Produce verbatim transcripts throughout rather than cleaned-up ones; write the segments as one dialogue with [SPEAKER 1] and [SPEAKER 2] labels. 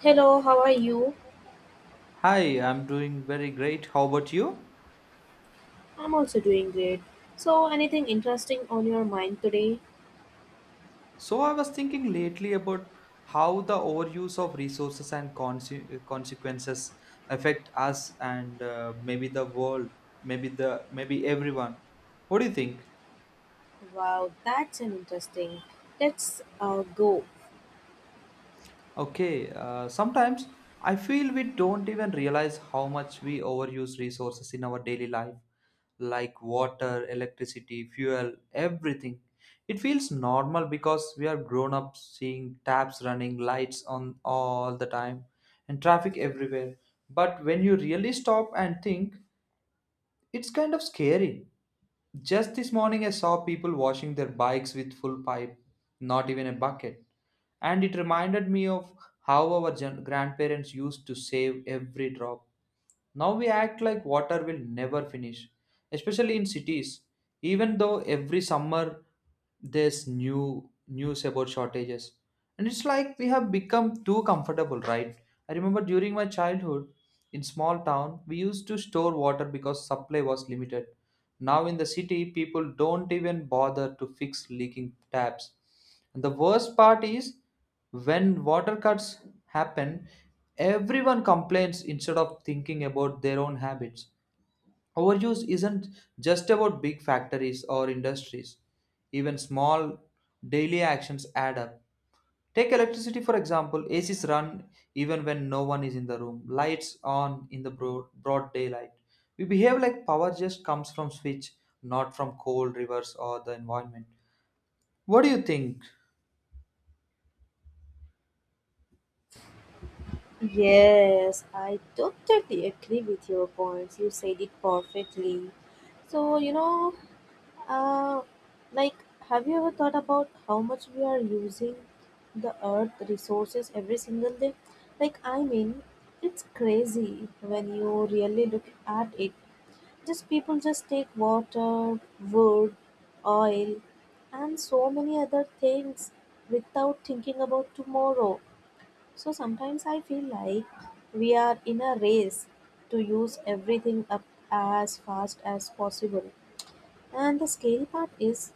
[SPEAKER 1] Hello, how are you?
[SPEAKER 2] Hi, I'm doing very great. How about you?
[SPEAKER 1] I'm also doing great. So, anything interesting on your mind today?
[SPEAKER 2] So, I was thinking lately about how the overuse of resources and conse- consequences affect us and uh, maybe the world, maybe the maybe everyone. What do you think?
[SPEAKER 1] Wow, that's an interesting. Let's uh, go.
[SPEAKER 2] Okay, uh, sometimes I feel we don't even realize how much we overuse resources in our daily life, like water, electricity, fuel, everything. It feels normal because we are grown up seeing taps running, lights on all the time, and traffic everywhere. But when you really stop and think, it's kind of scary. Just this morning, I saw people washing their bikes with full pipe, not even a bucket. And it reminded me of how our gen- grandparents used to save every drop. Now we act like water will never finish, especially in cities, even though every summer there's new news about shortages. And it's like we have become too comfortable, right? I remember during my childhood in small town, we used to store water because supply was limited. Now in the city, people don't even bother to fix leaking taps. And the worst part is when water cuts happen, everyone complains instead of thinking about their own habits. Overuse isn't just about big factories or industries. Even small daily actions add up. Take electricity for example. A Cs run even when no one is in the room. Lights on in the broad, broad daylight. We behave like power just comes from switch, not from cold rivers or the environment. What do you think?
[SPEAKER 1] Yes, I totally agree with your points. You said it perfectly. So, you know, uh, like, have you ever thought about how much we are using the earth resources every single day? Like, I mean, it's crazy when you really look at it. Just people just take water, wood, oil, and so many other things without thinking about tomorrow. So sometimes I feel like we are in a race to use everything up as fast as possible. And the scary part is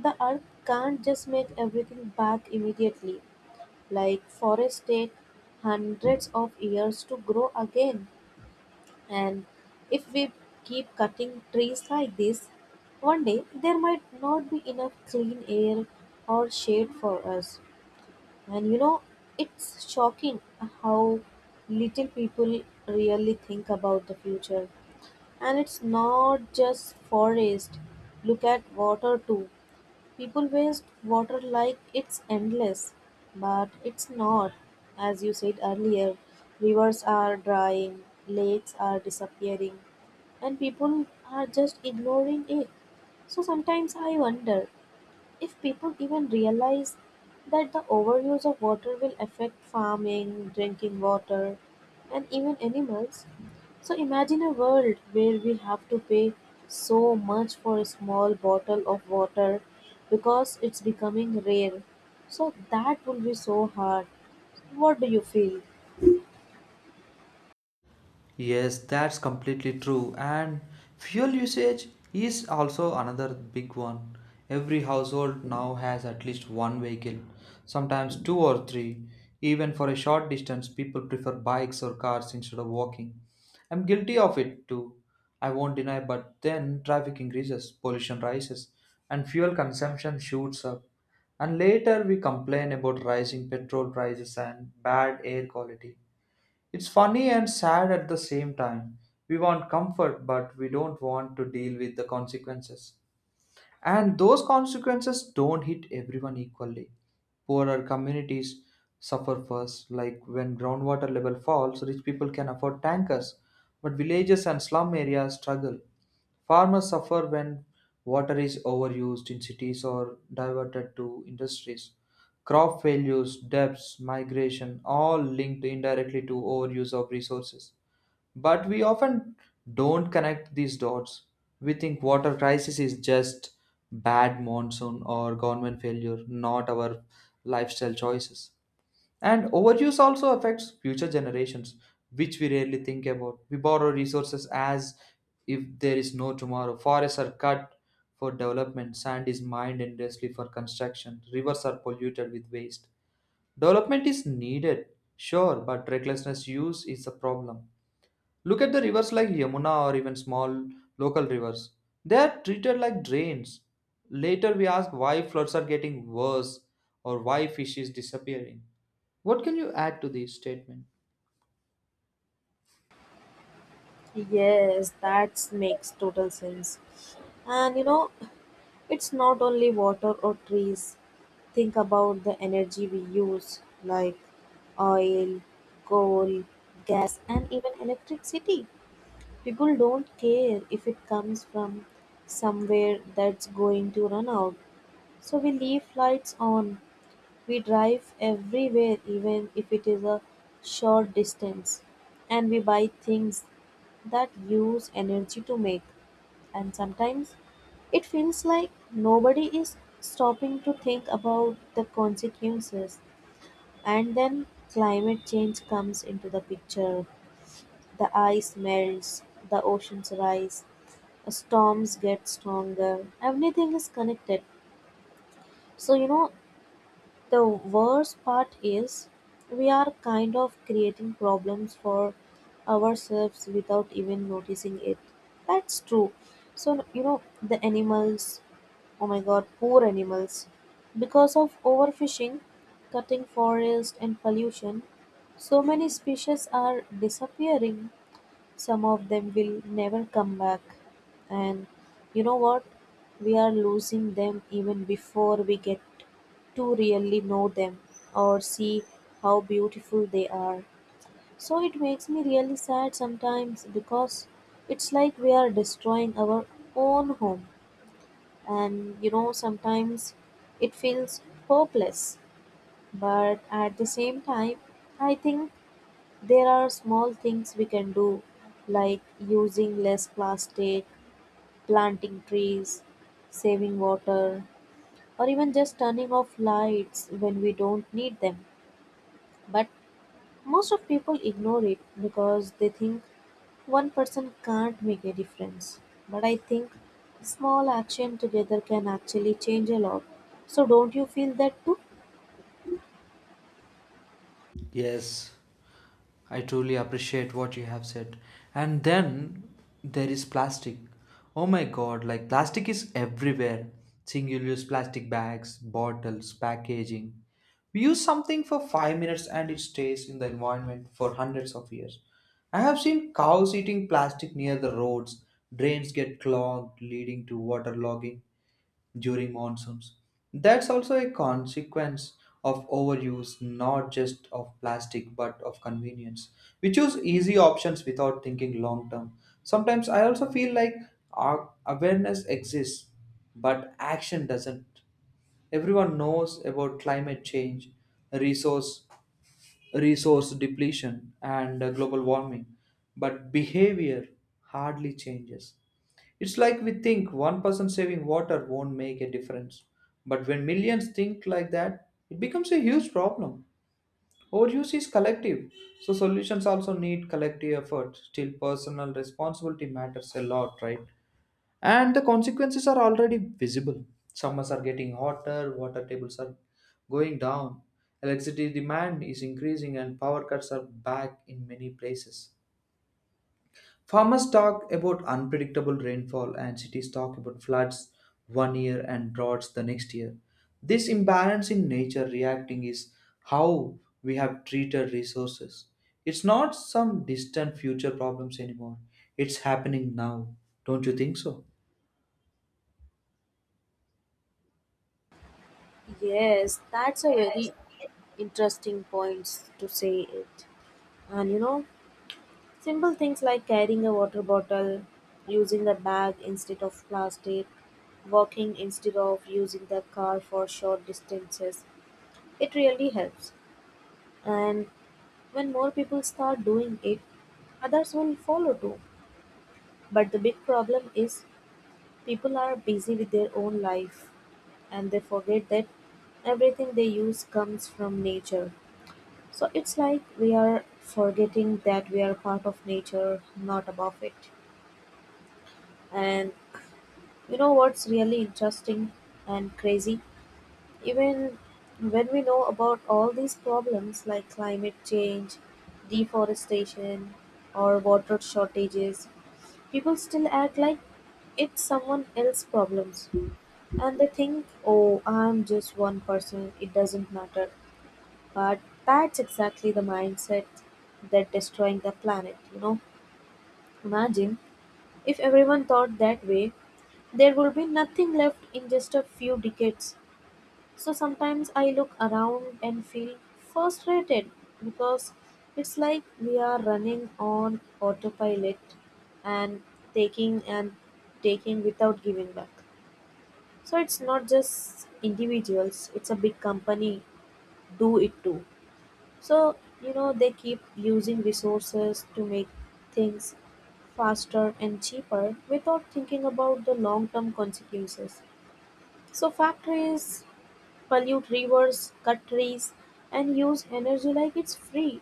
[SPEAKER 1] the earth can't just make everything back immediately. Like forests take hundreds of years to grow again. And if we keep cutting trees like this, one day there might not be enough clean air or shade for us. And you know, it's shocking how little people really think about the future. And it's not just forest. Look at water too. People waste water like it's endless, but it's not. As you said earlier, rivers are drying, lakes are disappearing, and people are just ignoring it. So sometimes I wonder if people even realize that the overuse of water will affect farming, drinking water, and even animals. So imagine a world where we have to pay so much for a small bottle of water because it's becoming rare. So that will be so hard. What do you feel?
[SPEAKER 2] Yes, that's completely true. And fuel usage is also another big one. Every household now has at least one vehicle, sometimes two or three. Even for a short distance, people prefer bikes or cars instead of walking. I'm guilty of it too. I won't deny, but then traffic increases, pollution rises, and fuel consumption shoots up. And later we complain about rising petrol prices and bad air quality. It's funny and sad at the same time. We want comfort, but we don't want to deal with the consequences. And those consequences don't hit everyone equally. Poorer communities suffer first, like when groundwater level falls, rich people can afford tankers, but villages and slum areas struggle. Farmers suffer when water is overused in cities or diverted to industries. Crop failures, debts, migration, all linked indirectly to overuse of resources. But we often don't connect these dots. We think water crisis is just bad monsoon or government failure, not our lifestyle choices. And overuse also affects future generations, which we rarely think about. We borrow resources as if there is no tomorrow. Forests are cut for development, sand is mined endlessly for construction, rivers are polluted with waste. Development is needed, sure, but recklessness use is a problem. Look at the rivers like Yamuna or even small local rivers. They are treated like drains. Later we ask why floods are getting worse or why fish is disappearing. What can you add to this statement?
[SPEAKER 1] Yes, that makes total sense. And you know, it's not only water or trees. Think about the energy we use, like oil, coal, gas, and even electricity. People don't care if it comes from somewhere that's going to run out. So we leave lights on. We drive everywhere, even if it is a short distance. And we buy things that use energy to make. And sometimes it feels like nobody is stopping to think about the consequences. And then climate change comes into the picture. The ice melts, the oceans rise, storms get stronger, everything is connected. So you know, the worst part is we are kind of creating problems for ourselves without even noticing it. That's true. So you know, the animals, oh my god, poor animals. Because of overfishing, cutting forest, and pollution, so many species are disappearing. Some of them will never come back. And you know what? We are losing them even before we get to really know them or see how beautiful they are. So it makes me really sad sometimes because it's like we are destroying our own home. And you know, sometimes it feels hopeless. But at the same time, I think there are small things we can do, like using less plastic, planting trees, saving water, or even just turning off lights when we don't need them. But most of people ignore it because they think one person can't make a difference. But I think small action together can actually change a lot. So don't you feel that too?
[SPEAKER 2] Yes. I truly appreciate what you have said. And then there is plastic. Oh my god, like plastic is everywhere. Single use plastic bags, bottles, packaging. We use something for five minutes and it stays in the environment for hundreds of years. I have seen cows eating plastic near the roads, drains get clogged, leading to water logging during monsoons. That's also a consequence of overuse, not just of plastic but of convenience. We choose easy options without thinking long term. Sometimes I also feel like our awareness exists, but action doesn't. Everyone knows about climate change, resource resource depletion, and uh, global warming. But behavior hardly changes. It's like we think one person saving water won't make a difference. But when millions think like that, it becomes a huge problem. Overuse is collective, so solutions also need collective effort. Still, personal responsibility matters a lot, right? And the consequences are already visible. Summers are getting hotter, water tables are going down, electricity demand is increasing, and power cuts are back in many places. Farmers talk about unpredictable rainfall and cities talk about floods one year and droughts the next year. This imbalance in nature reacting is how we have treated resources. It's not some distant future problems anymore, it's happening now. Don't you think so?
[SPEAKER 1] Yes, that's a very interesting points to say it. And you know, simple things like carrying a water bottle, using a bag instead of plastic, walking instead of using the car for short distances, it really helps. And when more people start doing it, others will follow too. But the big problem is people are busy with their own life and they forget that everything they use comes from nature. So it's like we are forgetting that we are part of nature, not above it. And you know what's really interesting and crazy? Even when we know about all these problems like climate change, deforestation, or water shortages, people still act like it's someone else's problems. And they think, oh, I'm just one person, it doesn't matter. But that's exactly the mindset that destroying the planet, you know. Imagine if everyone thought that way, there would be nothing left in just a few decades. So sometimes I look around and feel frustrated because it's like we are running on autopilot and taking and taking without giving back. So it's not just individuals, it's a big company do it too. So, you know, they keep using resources to make things faster and cheaper without thinking about the long term consequences. So, factories pollute rivers, cut trees, and use energy like it's free.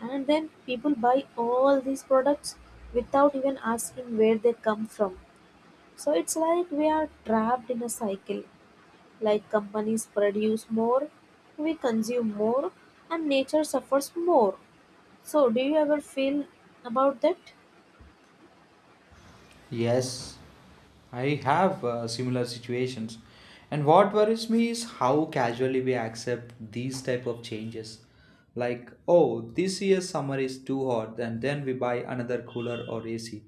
[SPEAKER 1] And then people buy all these products without even asking where they come from. So it's like we are trapped in a cycle. Like companies produce more, we consume more, and nature suffers more. So, do you ever feel about that?
[SPEAKER 2] Yes, I have uh, similar situations. And what worries me is how casually we accept these type of changes. Like, oh, this year's summer is too hot, and then we buy another cooler or A C,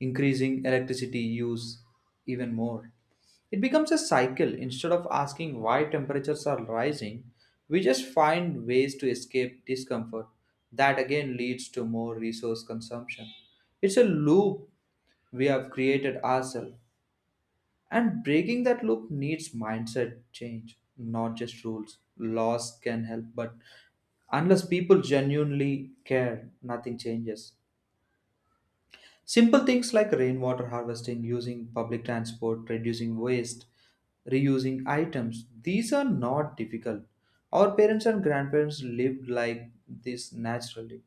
[SPEAKER 2] increasing electricity use even more. It becomes a cycle. Instead of asking why temperatures are rising, we just find ways to escape discomfort. That again leads to more resource consumption. It's a loop we have created ourselves. And breaking that loop needs mindset change, not just rules. Laws can help, but unless people genuinely care, nothing changes. Simple things like rainwater harvesting, using public transport, reducing waste, reusing items, these are not difficult. Our parents and grandparents lived like this naturally.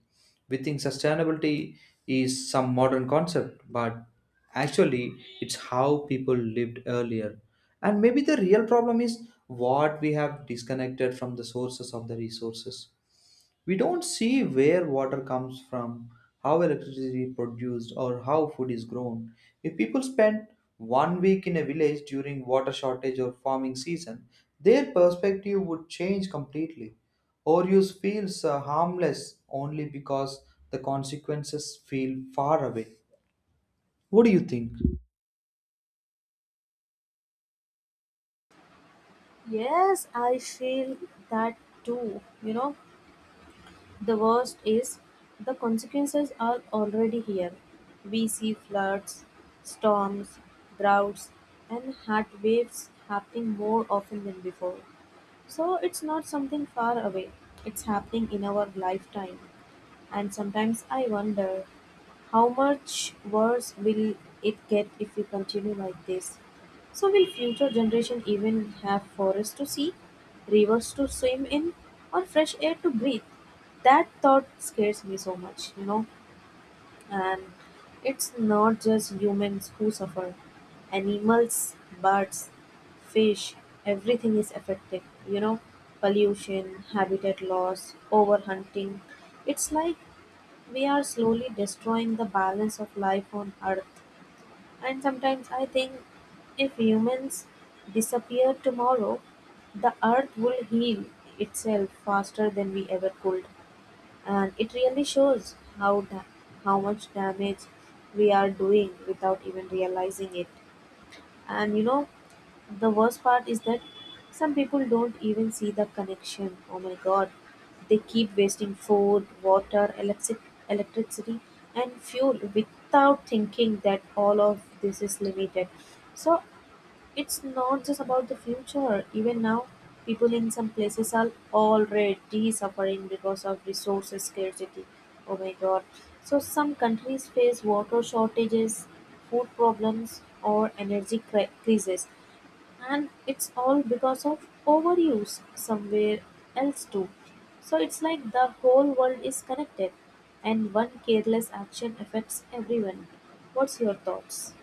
[SPEAKER 2] We think sustainability is some modern concept, but actually, it's how people lived earlier. And maybe the real problem is what we have disconnected from the sources of the resources. We don't see where water comes from, how electricity is produced, or how food is grown. If people spend one week in a village during water shortage or farming season, their perspective would change completely. Overuse feels uh, harmless only because the consequences feel far away. What do you think?
[SPEAKER 1] Yes, I feel that too, you know. The worst is, the consequences are already here. We see floods, storms, droughts, and heat waves happening more often than before. So it's not something far away, it's happening in our lifetime. And sometimes I wonder how much worse will it get if we continue like this? So will future generation even have forests to see, rivers to swim in, or fresh air to breathe? That thought scares me so much, you know. And it's not just humans who suffer. Animals, birds, fish, everything is affected. You know, pollution, habitat loss, overhunting. It's like we are slowly destroying the balance of life on Earth. And sometimes I think if humans disappear tomorrow, the Earth will heal itself faster than we ever could. And it really shows how da- how much damage we are doing without even realizing it. And you know, the worst part is that some people don't even see the connection. Oh my god. They keep wasting food, water, electric electricity and fuel without thinking that all of this is limited. So it's not just about the future. Even now, people in some places are already suffering because of resource scarcity. Oh my god. So, some countries face water shortages, food problems, or energy cri- crises. And it's all because of overuse somewhere else, too. So, it's like the whole world is connected, and one careless action affects everyone. What's your thoughts?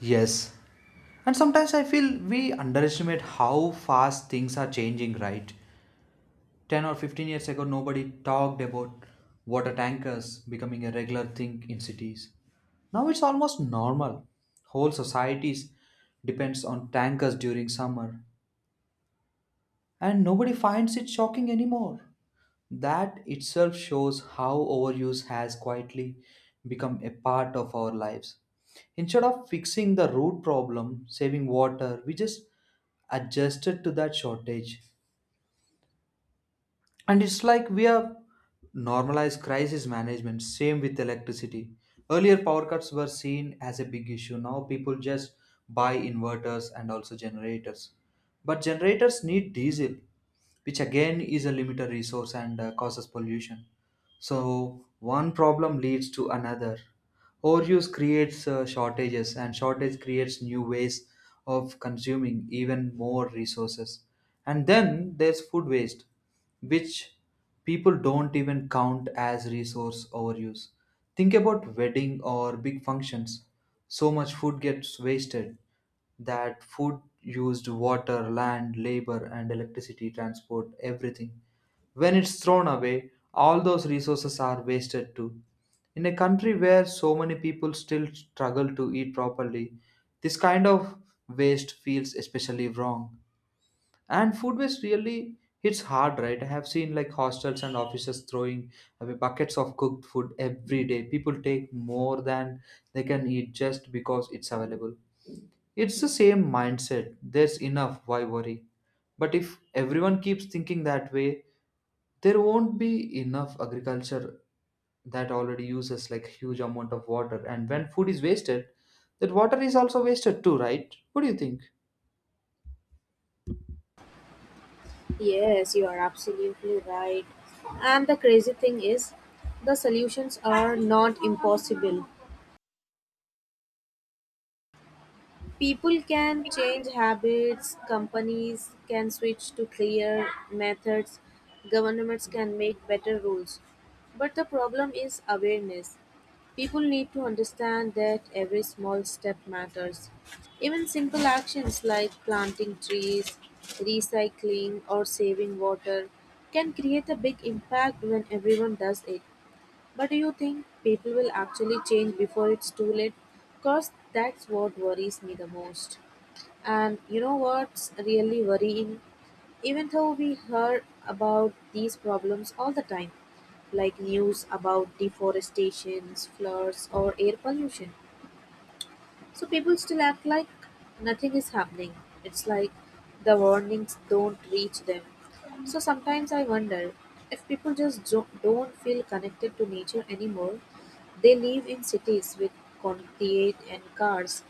[SPEAKER 2] Yes. And sometimes I feel we underestimate how fast things are changing, right? ten or fifteen years ago, nobody talked about water tankers becoming a regular thing in cities. Now it's almost normal. Whole societies depends on tankers during summer, and nobody finds it shocking anymore. That itself shows how overuse has quietly become a part of our lives. Instead of fixing the root problem, saving water, we just adjusted to that shortage. And it's like we have normalized crisis management. Same with electricity, earlier power cuts were seen as a big issue. Now people just buy inverters and also generators. But generators need diesel, which again is a limited resource and uh, causes pollution. So one problem leads to another. Overuse creates uh, shortages, and shortage creates new ways of consuming even more resources. And then there's food waste, which people don't even count as resource overuse. Think about wedding or big functions. So much food gets wasted. That food used water, land, labor, and electricity, transport, everything. When it's thrown away, all those resources are wasted too. In a country where so many people still struggle to eat properly, this kind of waste feels especially wrong. And food waste really hits hard, right? I have seen like hostels and offices throwing away buckets of cooked food every day. People take more than they can eat just because it's available. It's the same mindset. There's enough, why worry? But if everyone keeps thinking that way, there won't be enough agriculture that already uses like huge amount of water. And when food is wasted, that water is also wasted too, right? What do you think?
[SPEAKER 1] Yes, you are absolutely right. And the crazy thing is, the solutions are not impossible. People can change habits, companies can switch to clear methods, governments can make better rules. But the problem is awareness. People need to understand that every small step matters. Even simple actions like planting trees, recycling, or saving water can create a big impact when everyone does it. But do you think people will actually change before it's too late? Because that's what worries me the most. And you know what's really worrying? Even though we hear about these problems all the time, like news about deforestations, floods, or air pollution, so people still act like nothing is happening. It's like the warnings don't reach them. So sometimes I wonder if people just jo- don't feel connected to nature anymore. They live in cities with concrete and cars,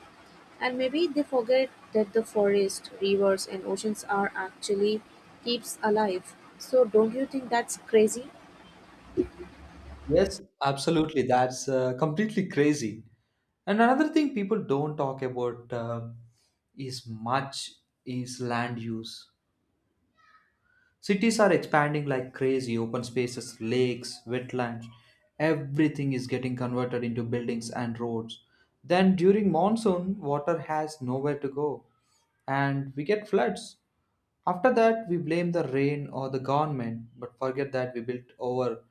[SPEAKER 1] and maybe they forget that the forest, rivers, and oceans are actually keeps alive. So don't you think that's crazy?
[SPEAKER 2] Yes, absolutely. That's uh, completely crazy. And another thing people don't talk about uh, is much is land use. Cities are expanding like crazy. Open spaces, lakes, wetlands, everything is getting converted into buildings and roads. Then during monsoon, water has nowhere to go and we get floods. After that, we blame the rain or the government, but forget that we built our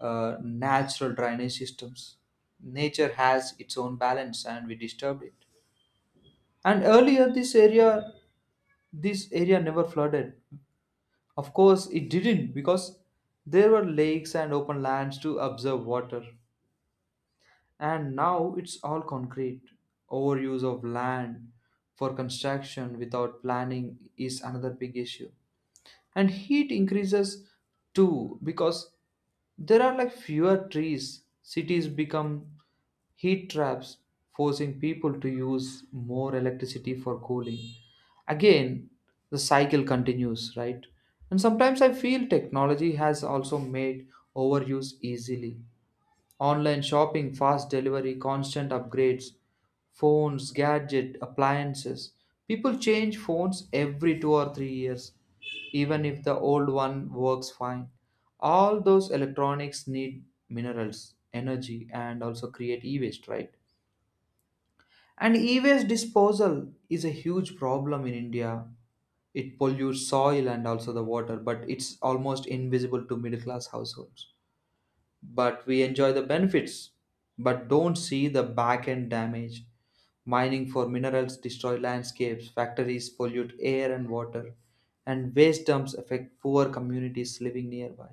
[SPEAKER 2] uh, natural drainage systems. Nature has its own balance and we disturbed it. And earlier, this area, this area never flooded. Of course, it didn't because there were lakes and open lands to observe water. And now it's all concrete. Overuse of land for construction without planning is another big issue. And heat increases too, because there are like fewer trees. Cities become heat traps, forcing people to use more electricity for cooling. Again, the cycle continues, right? And sometimes I feel technology has also made overuse easily. Online shopping, fast delivery, constant upgrades, phones, gadget, appliances. People change phones every two or three years even if the old one works fine. All those electronics need minerals, energy, and also create e waste, right? And e waste disposal is a huge problem in India. It pollutes soil and also the water, but it's almost invisible to middle class households. But we enjoy the benefits but don't see the back end damage. Mining for minerals destroy landscapes, factories pollute air and water, and waste dumps affect poor communities living nearby.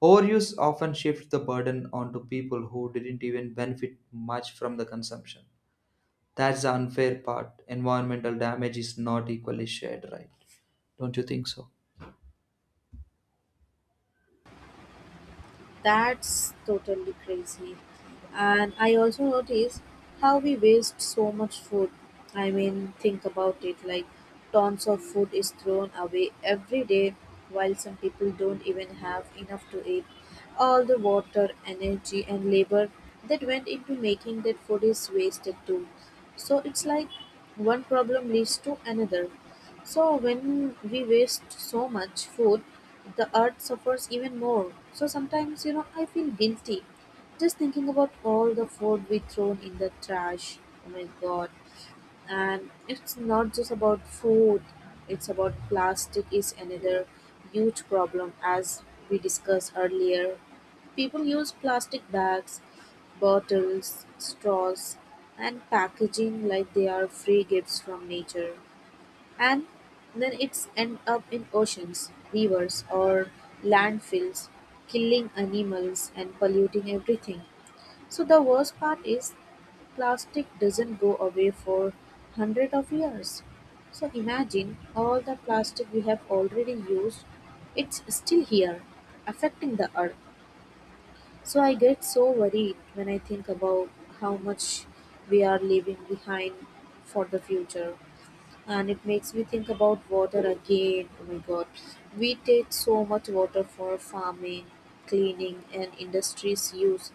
[SPEAKER 2] Overuse often shifts the burden onto people who didn't even benefit much from the consumption. That's the unfair part, environmental damage is not equally shared, right? Don't you think so?
[SPEAKER 1] That's totally crazy. And I also notice how we waste so much food. I mean, think about it like tons of food is thrown away every day, while some people don't even have enough to eat. All the water, energy, and labor that went into making that food is wasted too. So it's like one problem leads to another. So when we waste so much food, the earth suffers even more. So sometimes, you know, I feel guilty just thinking about all the food we thrown in the trash. Oh my god. And it's not just about food, it's about plastic is another huge problem as we discussed earlier. People use plastic bags, bottles, straws and packaging like they are free gifts from nature. And then it's end up in oceans, rivers or landfills, killing animals and polluting everything. So the worst part is plastic doesn't go away for hundreds of years. So imagine all the plastic we have already used, it's still here, affecting the earth. So I get so worried when I think about how much we are leaving behind for the future, and it makes me think about water again. Oh my god, we take so much water for farming, cleaning, and industries use,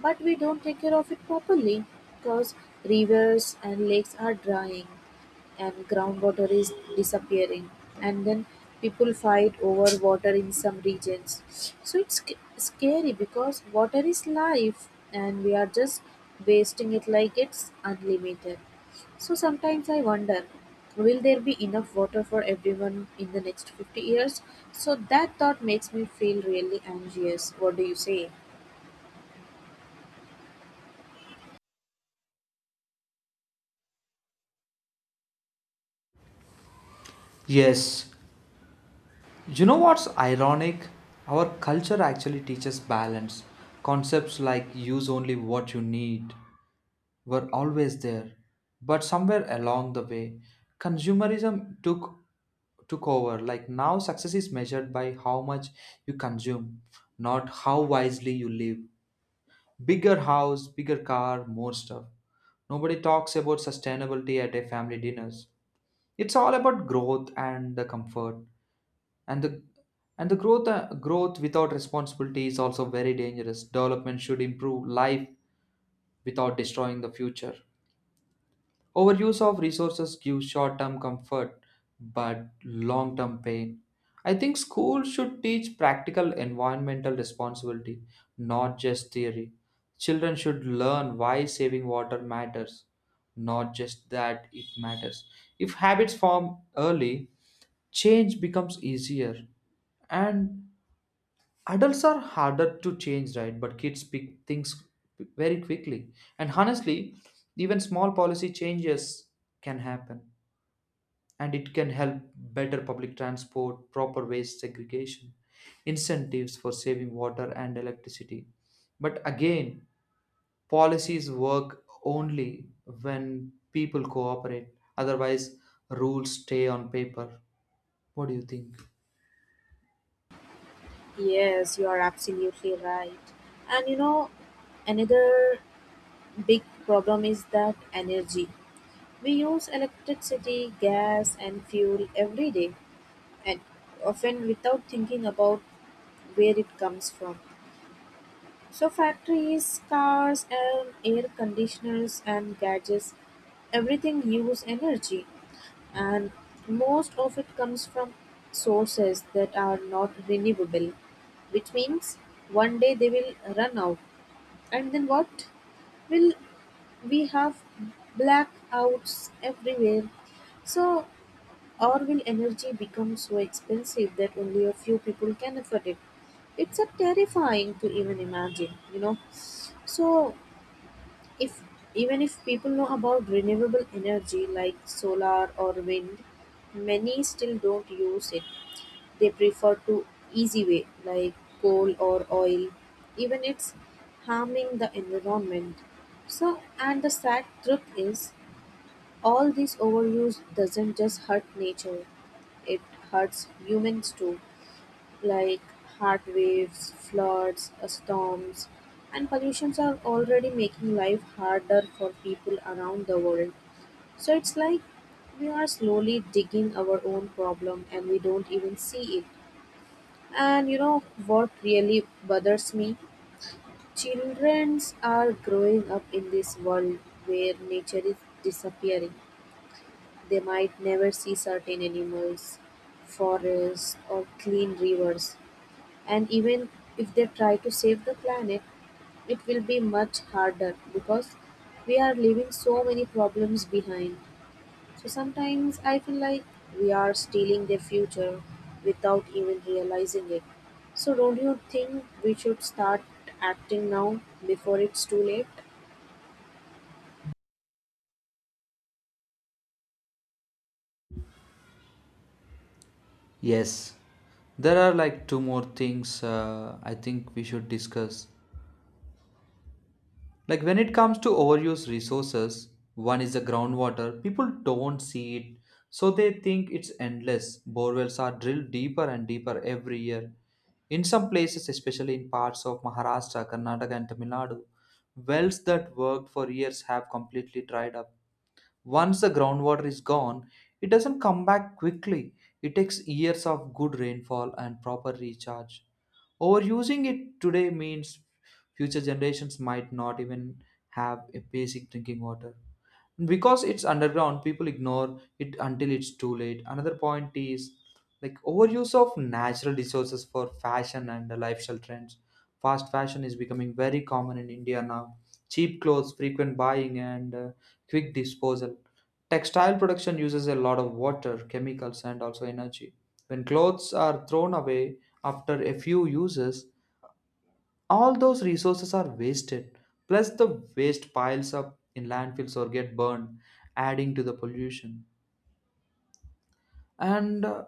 [SPEAKER 1] but we don't take care of it properly because rivers and lakes are drying and groundwater is disappearing, and then people fight over water in some regions. So it's sc- scary because water is life and we are just wasting it like it's unlimited. So sometimes I wonder, will there be enough water for everyone in the next fifty years? So that thought makes me feel really anxious. What do you say?
[SPEAKER 2] Yes. You know what's ironic? Our culture actually teaches balance. Concepts like use only what you need were always there. But somewhere along the way, consumerism took took over. Like now success is measured by how much you consume, not how wisely you live. Bigger house, bigger car, more stuff. Nobody talks about sustainability at a family dinners. It's all about growth and the comfort and the and the growth uh, growth without responsibility is also very dangerous. Development should improve life without destroying the future. Overuse of resources gives short term comfort but long term pain. I think schools should teach practical environmental responsibility, not just theory. Children should learn why saving water matters, not just that it matters. If habits form early, change becomes easier. And adults are harder to change, right? But kids pick things very quickly. And honestly, even small policy changes can happen, and it can help. Better public transport, proper waste segregation, incentives for saving water and electricity. But again, policies work only when people cooperate. Otherwise, rules stay on paper. What do you think?
[SPEAKER 1] Yes, you are absolutely right. And you know, another big problem is that energy. We use electricity, gas, and fuel every day, and often without thinking about where it comes from. So factories, cars, and air conditioners and gadgets, everything use energy and most of it comes from sources that are not renewable, which means one day they will run out. And then what? Will we have blackouts everywhere? So or will energy become so expensive that only a few people can afford it? It's a terrifying to even imagine, you know. So if even if people know about renewable energy like solar or wind, many still don't use it. They prefer to easy way like coal or oil, even it's harming the environment. So and the sad truth is all this overuse doesn't just hurt nature, it hurts humans too. Like heat waves, floods, uh, storms, and pollutions are already making life harder for people around the world. So it's like we are slowly digging our own problem and we don't even see it. And you know what really bothers me? Childrens are growing up in this world where nature is disappearing. They might never see certain animals, forests, or clean rivers. And even if they try to save the planet, it will be much harder because we are leaving so many problems behind. So sometimes I feel like we are stealing their future without even realizing it. So don't you think we should start acting now before it's too late?
[SPEAKER 2] Yes, there are like two more things uh, I think we should discuss. Like when it comes to overuse resources, one is the groundwater. People don't see it, so they think it's endless. Borewells are drilled deeper and deeper every year. In some places, especially in parts of Maharashtra, Karnataka, and Tamil Nadu, wells that worked for years have completely dried up. Once the groundwater is gone, it doesn't come back quickly. It takes years of good rainfall and proper recharge. Overusing it today means future generations might not even have a basic drinking water. Because it's underground, people ignore it until it's too late. Another point is like overuse of natural resources for fashion and lifestyle trends. Fast fashion is becoming very common in India now. Cheap clothes, frequent buying, and uh, quick disposal. Textile production uses a lot of water, chemicals, and also energy. When clothes are thrown away after a few uses, all those resources are wasted. Plus the waste piles up in landfills or get burned, adding to the pollution. And uh,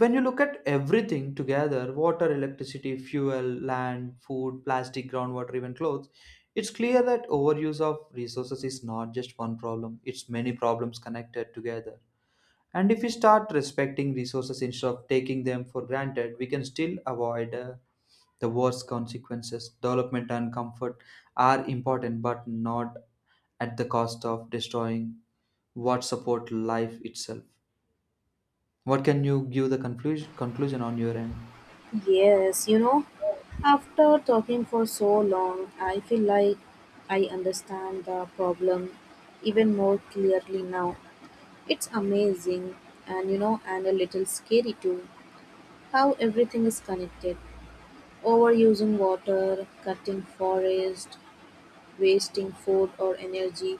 [SPEAKER 2] when you look at everything together, water, electricity, fuel, land, food, plastic, groundwater, even clothes, it's clear that overuse of resources is not just one problem, it's many problems connected together. And if we start respecting resources instead of taking them for granted, we can still avoid uh, the war's consequences. Development and comfort are important, but not at the cost of destroying what support life itself. What can you give the conclusion conclusion on your end?
[SPEAKER 1] Yes, you know, after talking for so long, I feel like I understand the problem even more clearly now. It's amazing and you know and a little scary too how everything is connected. Overusing water, cutting forest, wasting food or energy,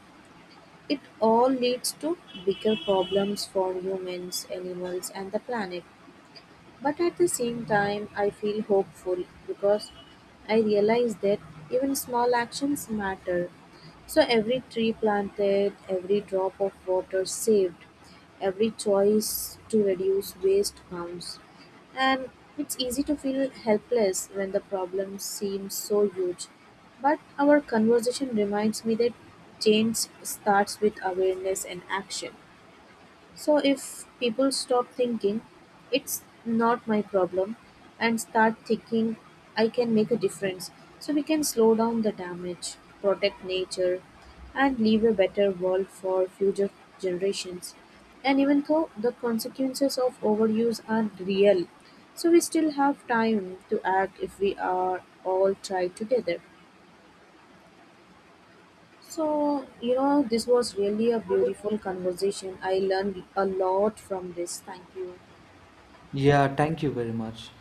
[SPEAKER 1] it all leads to bigger problems for humans, animals and the planet. But at the same time, I feel hopeful because I realize that even small actions matter. So every tree planted, every drop of water saved, every choice to reduce waste counts. And it's easy to feel helpless when the problem seems so huge. But our conversation reminds me that change starts with awareness and action. So if people stop thinking, it's not my problem, and start thinking, I can make a difference. So we can slow down the damage, protect nature, and leave a better world for future generations. And even though the consequences of overuse are real, so we still have time to act if we are all try together. So, you know, this was really a beautiful conversation. I learned a lot from this. Thank you.
[SPEAKER 2] Yeah, thank you very much.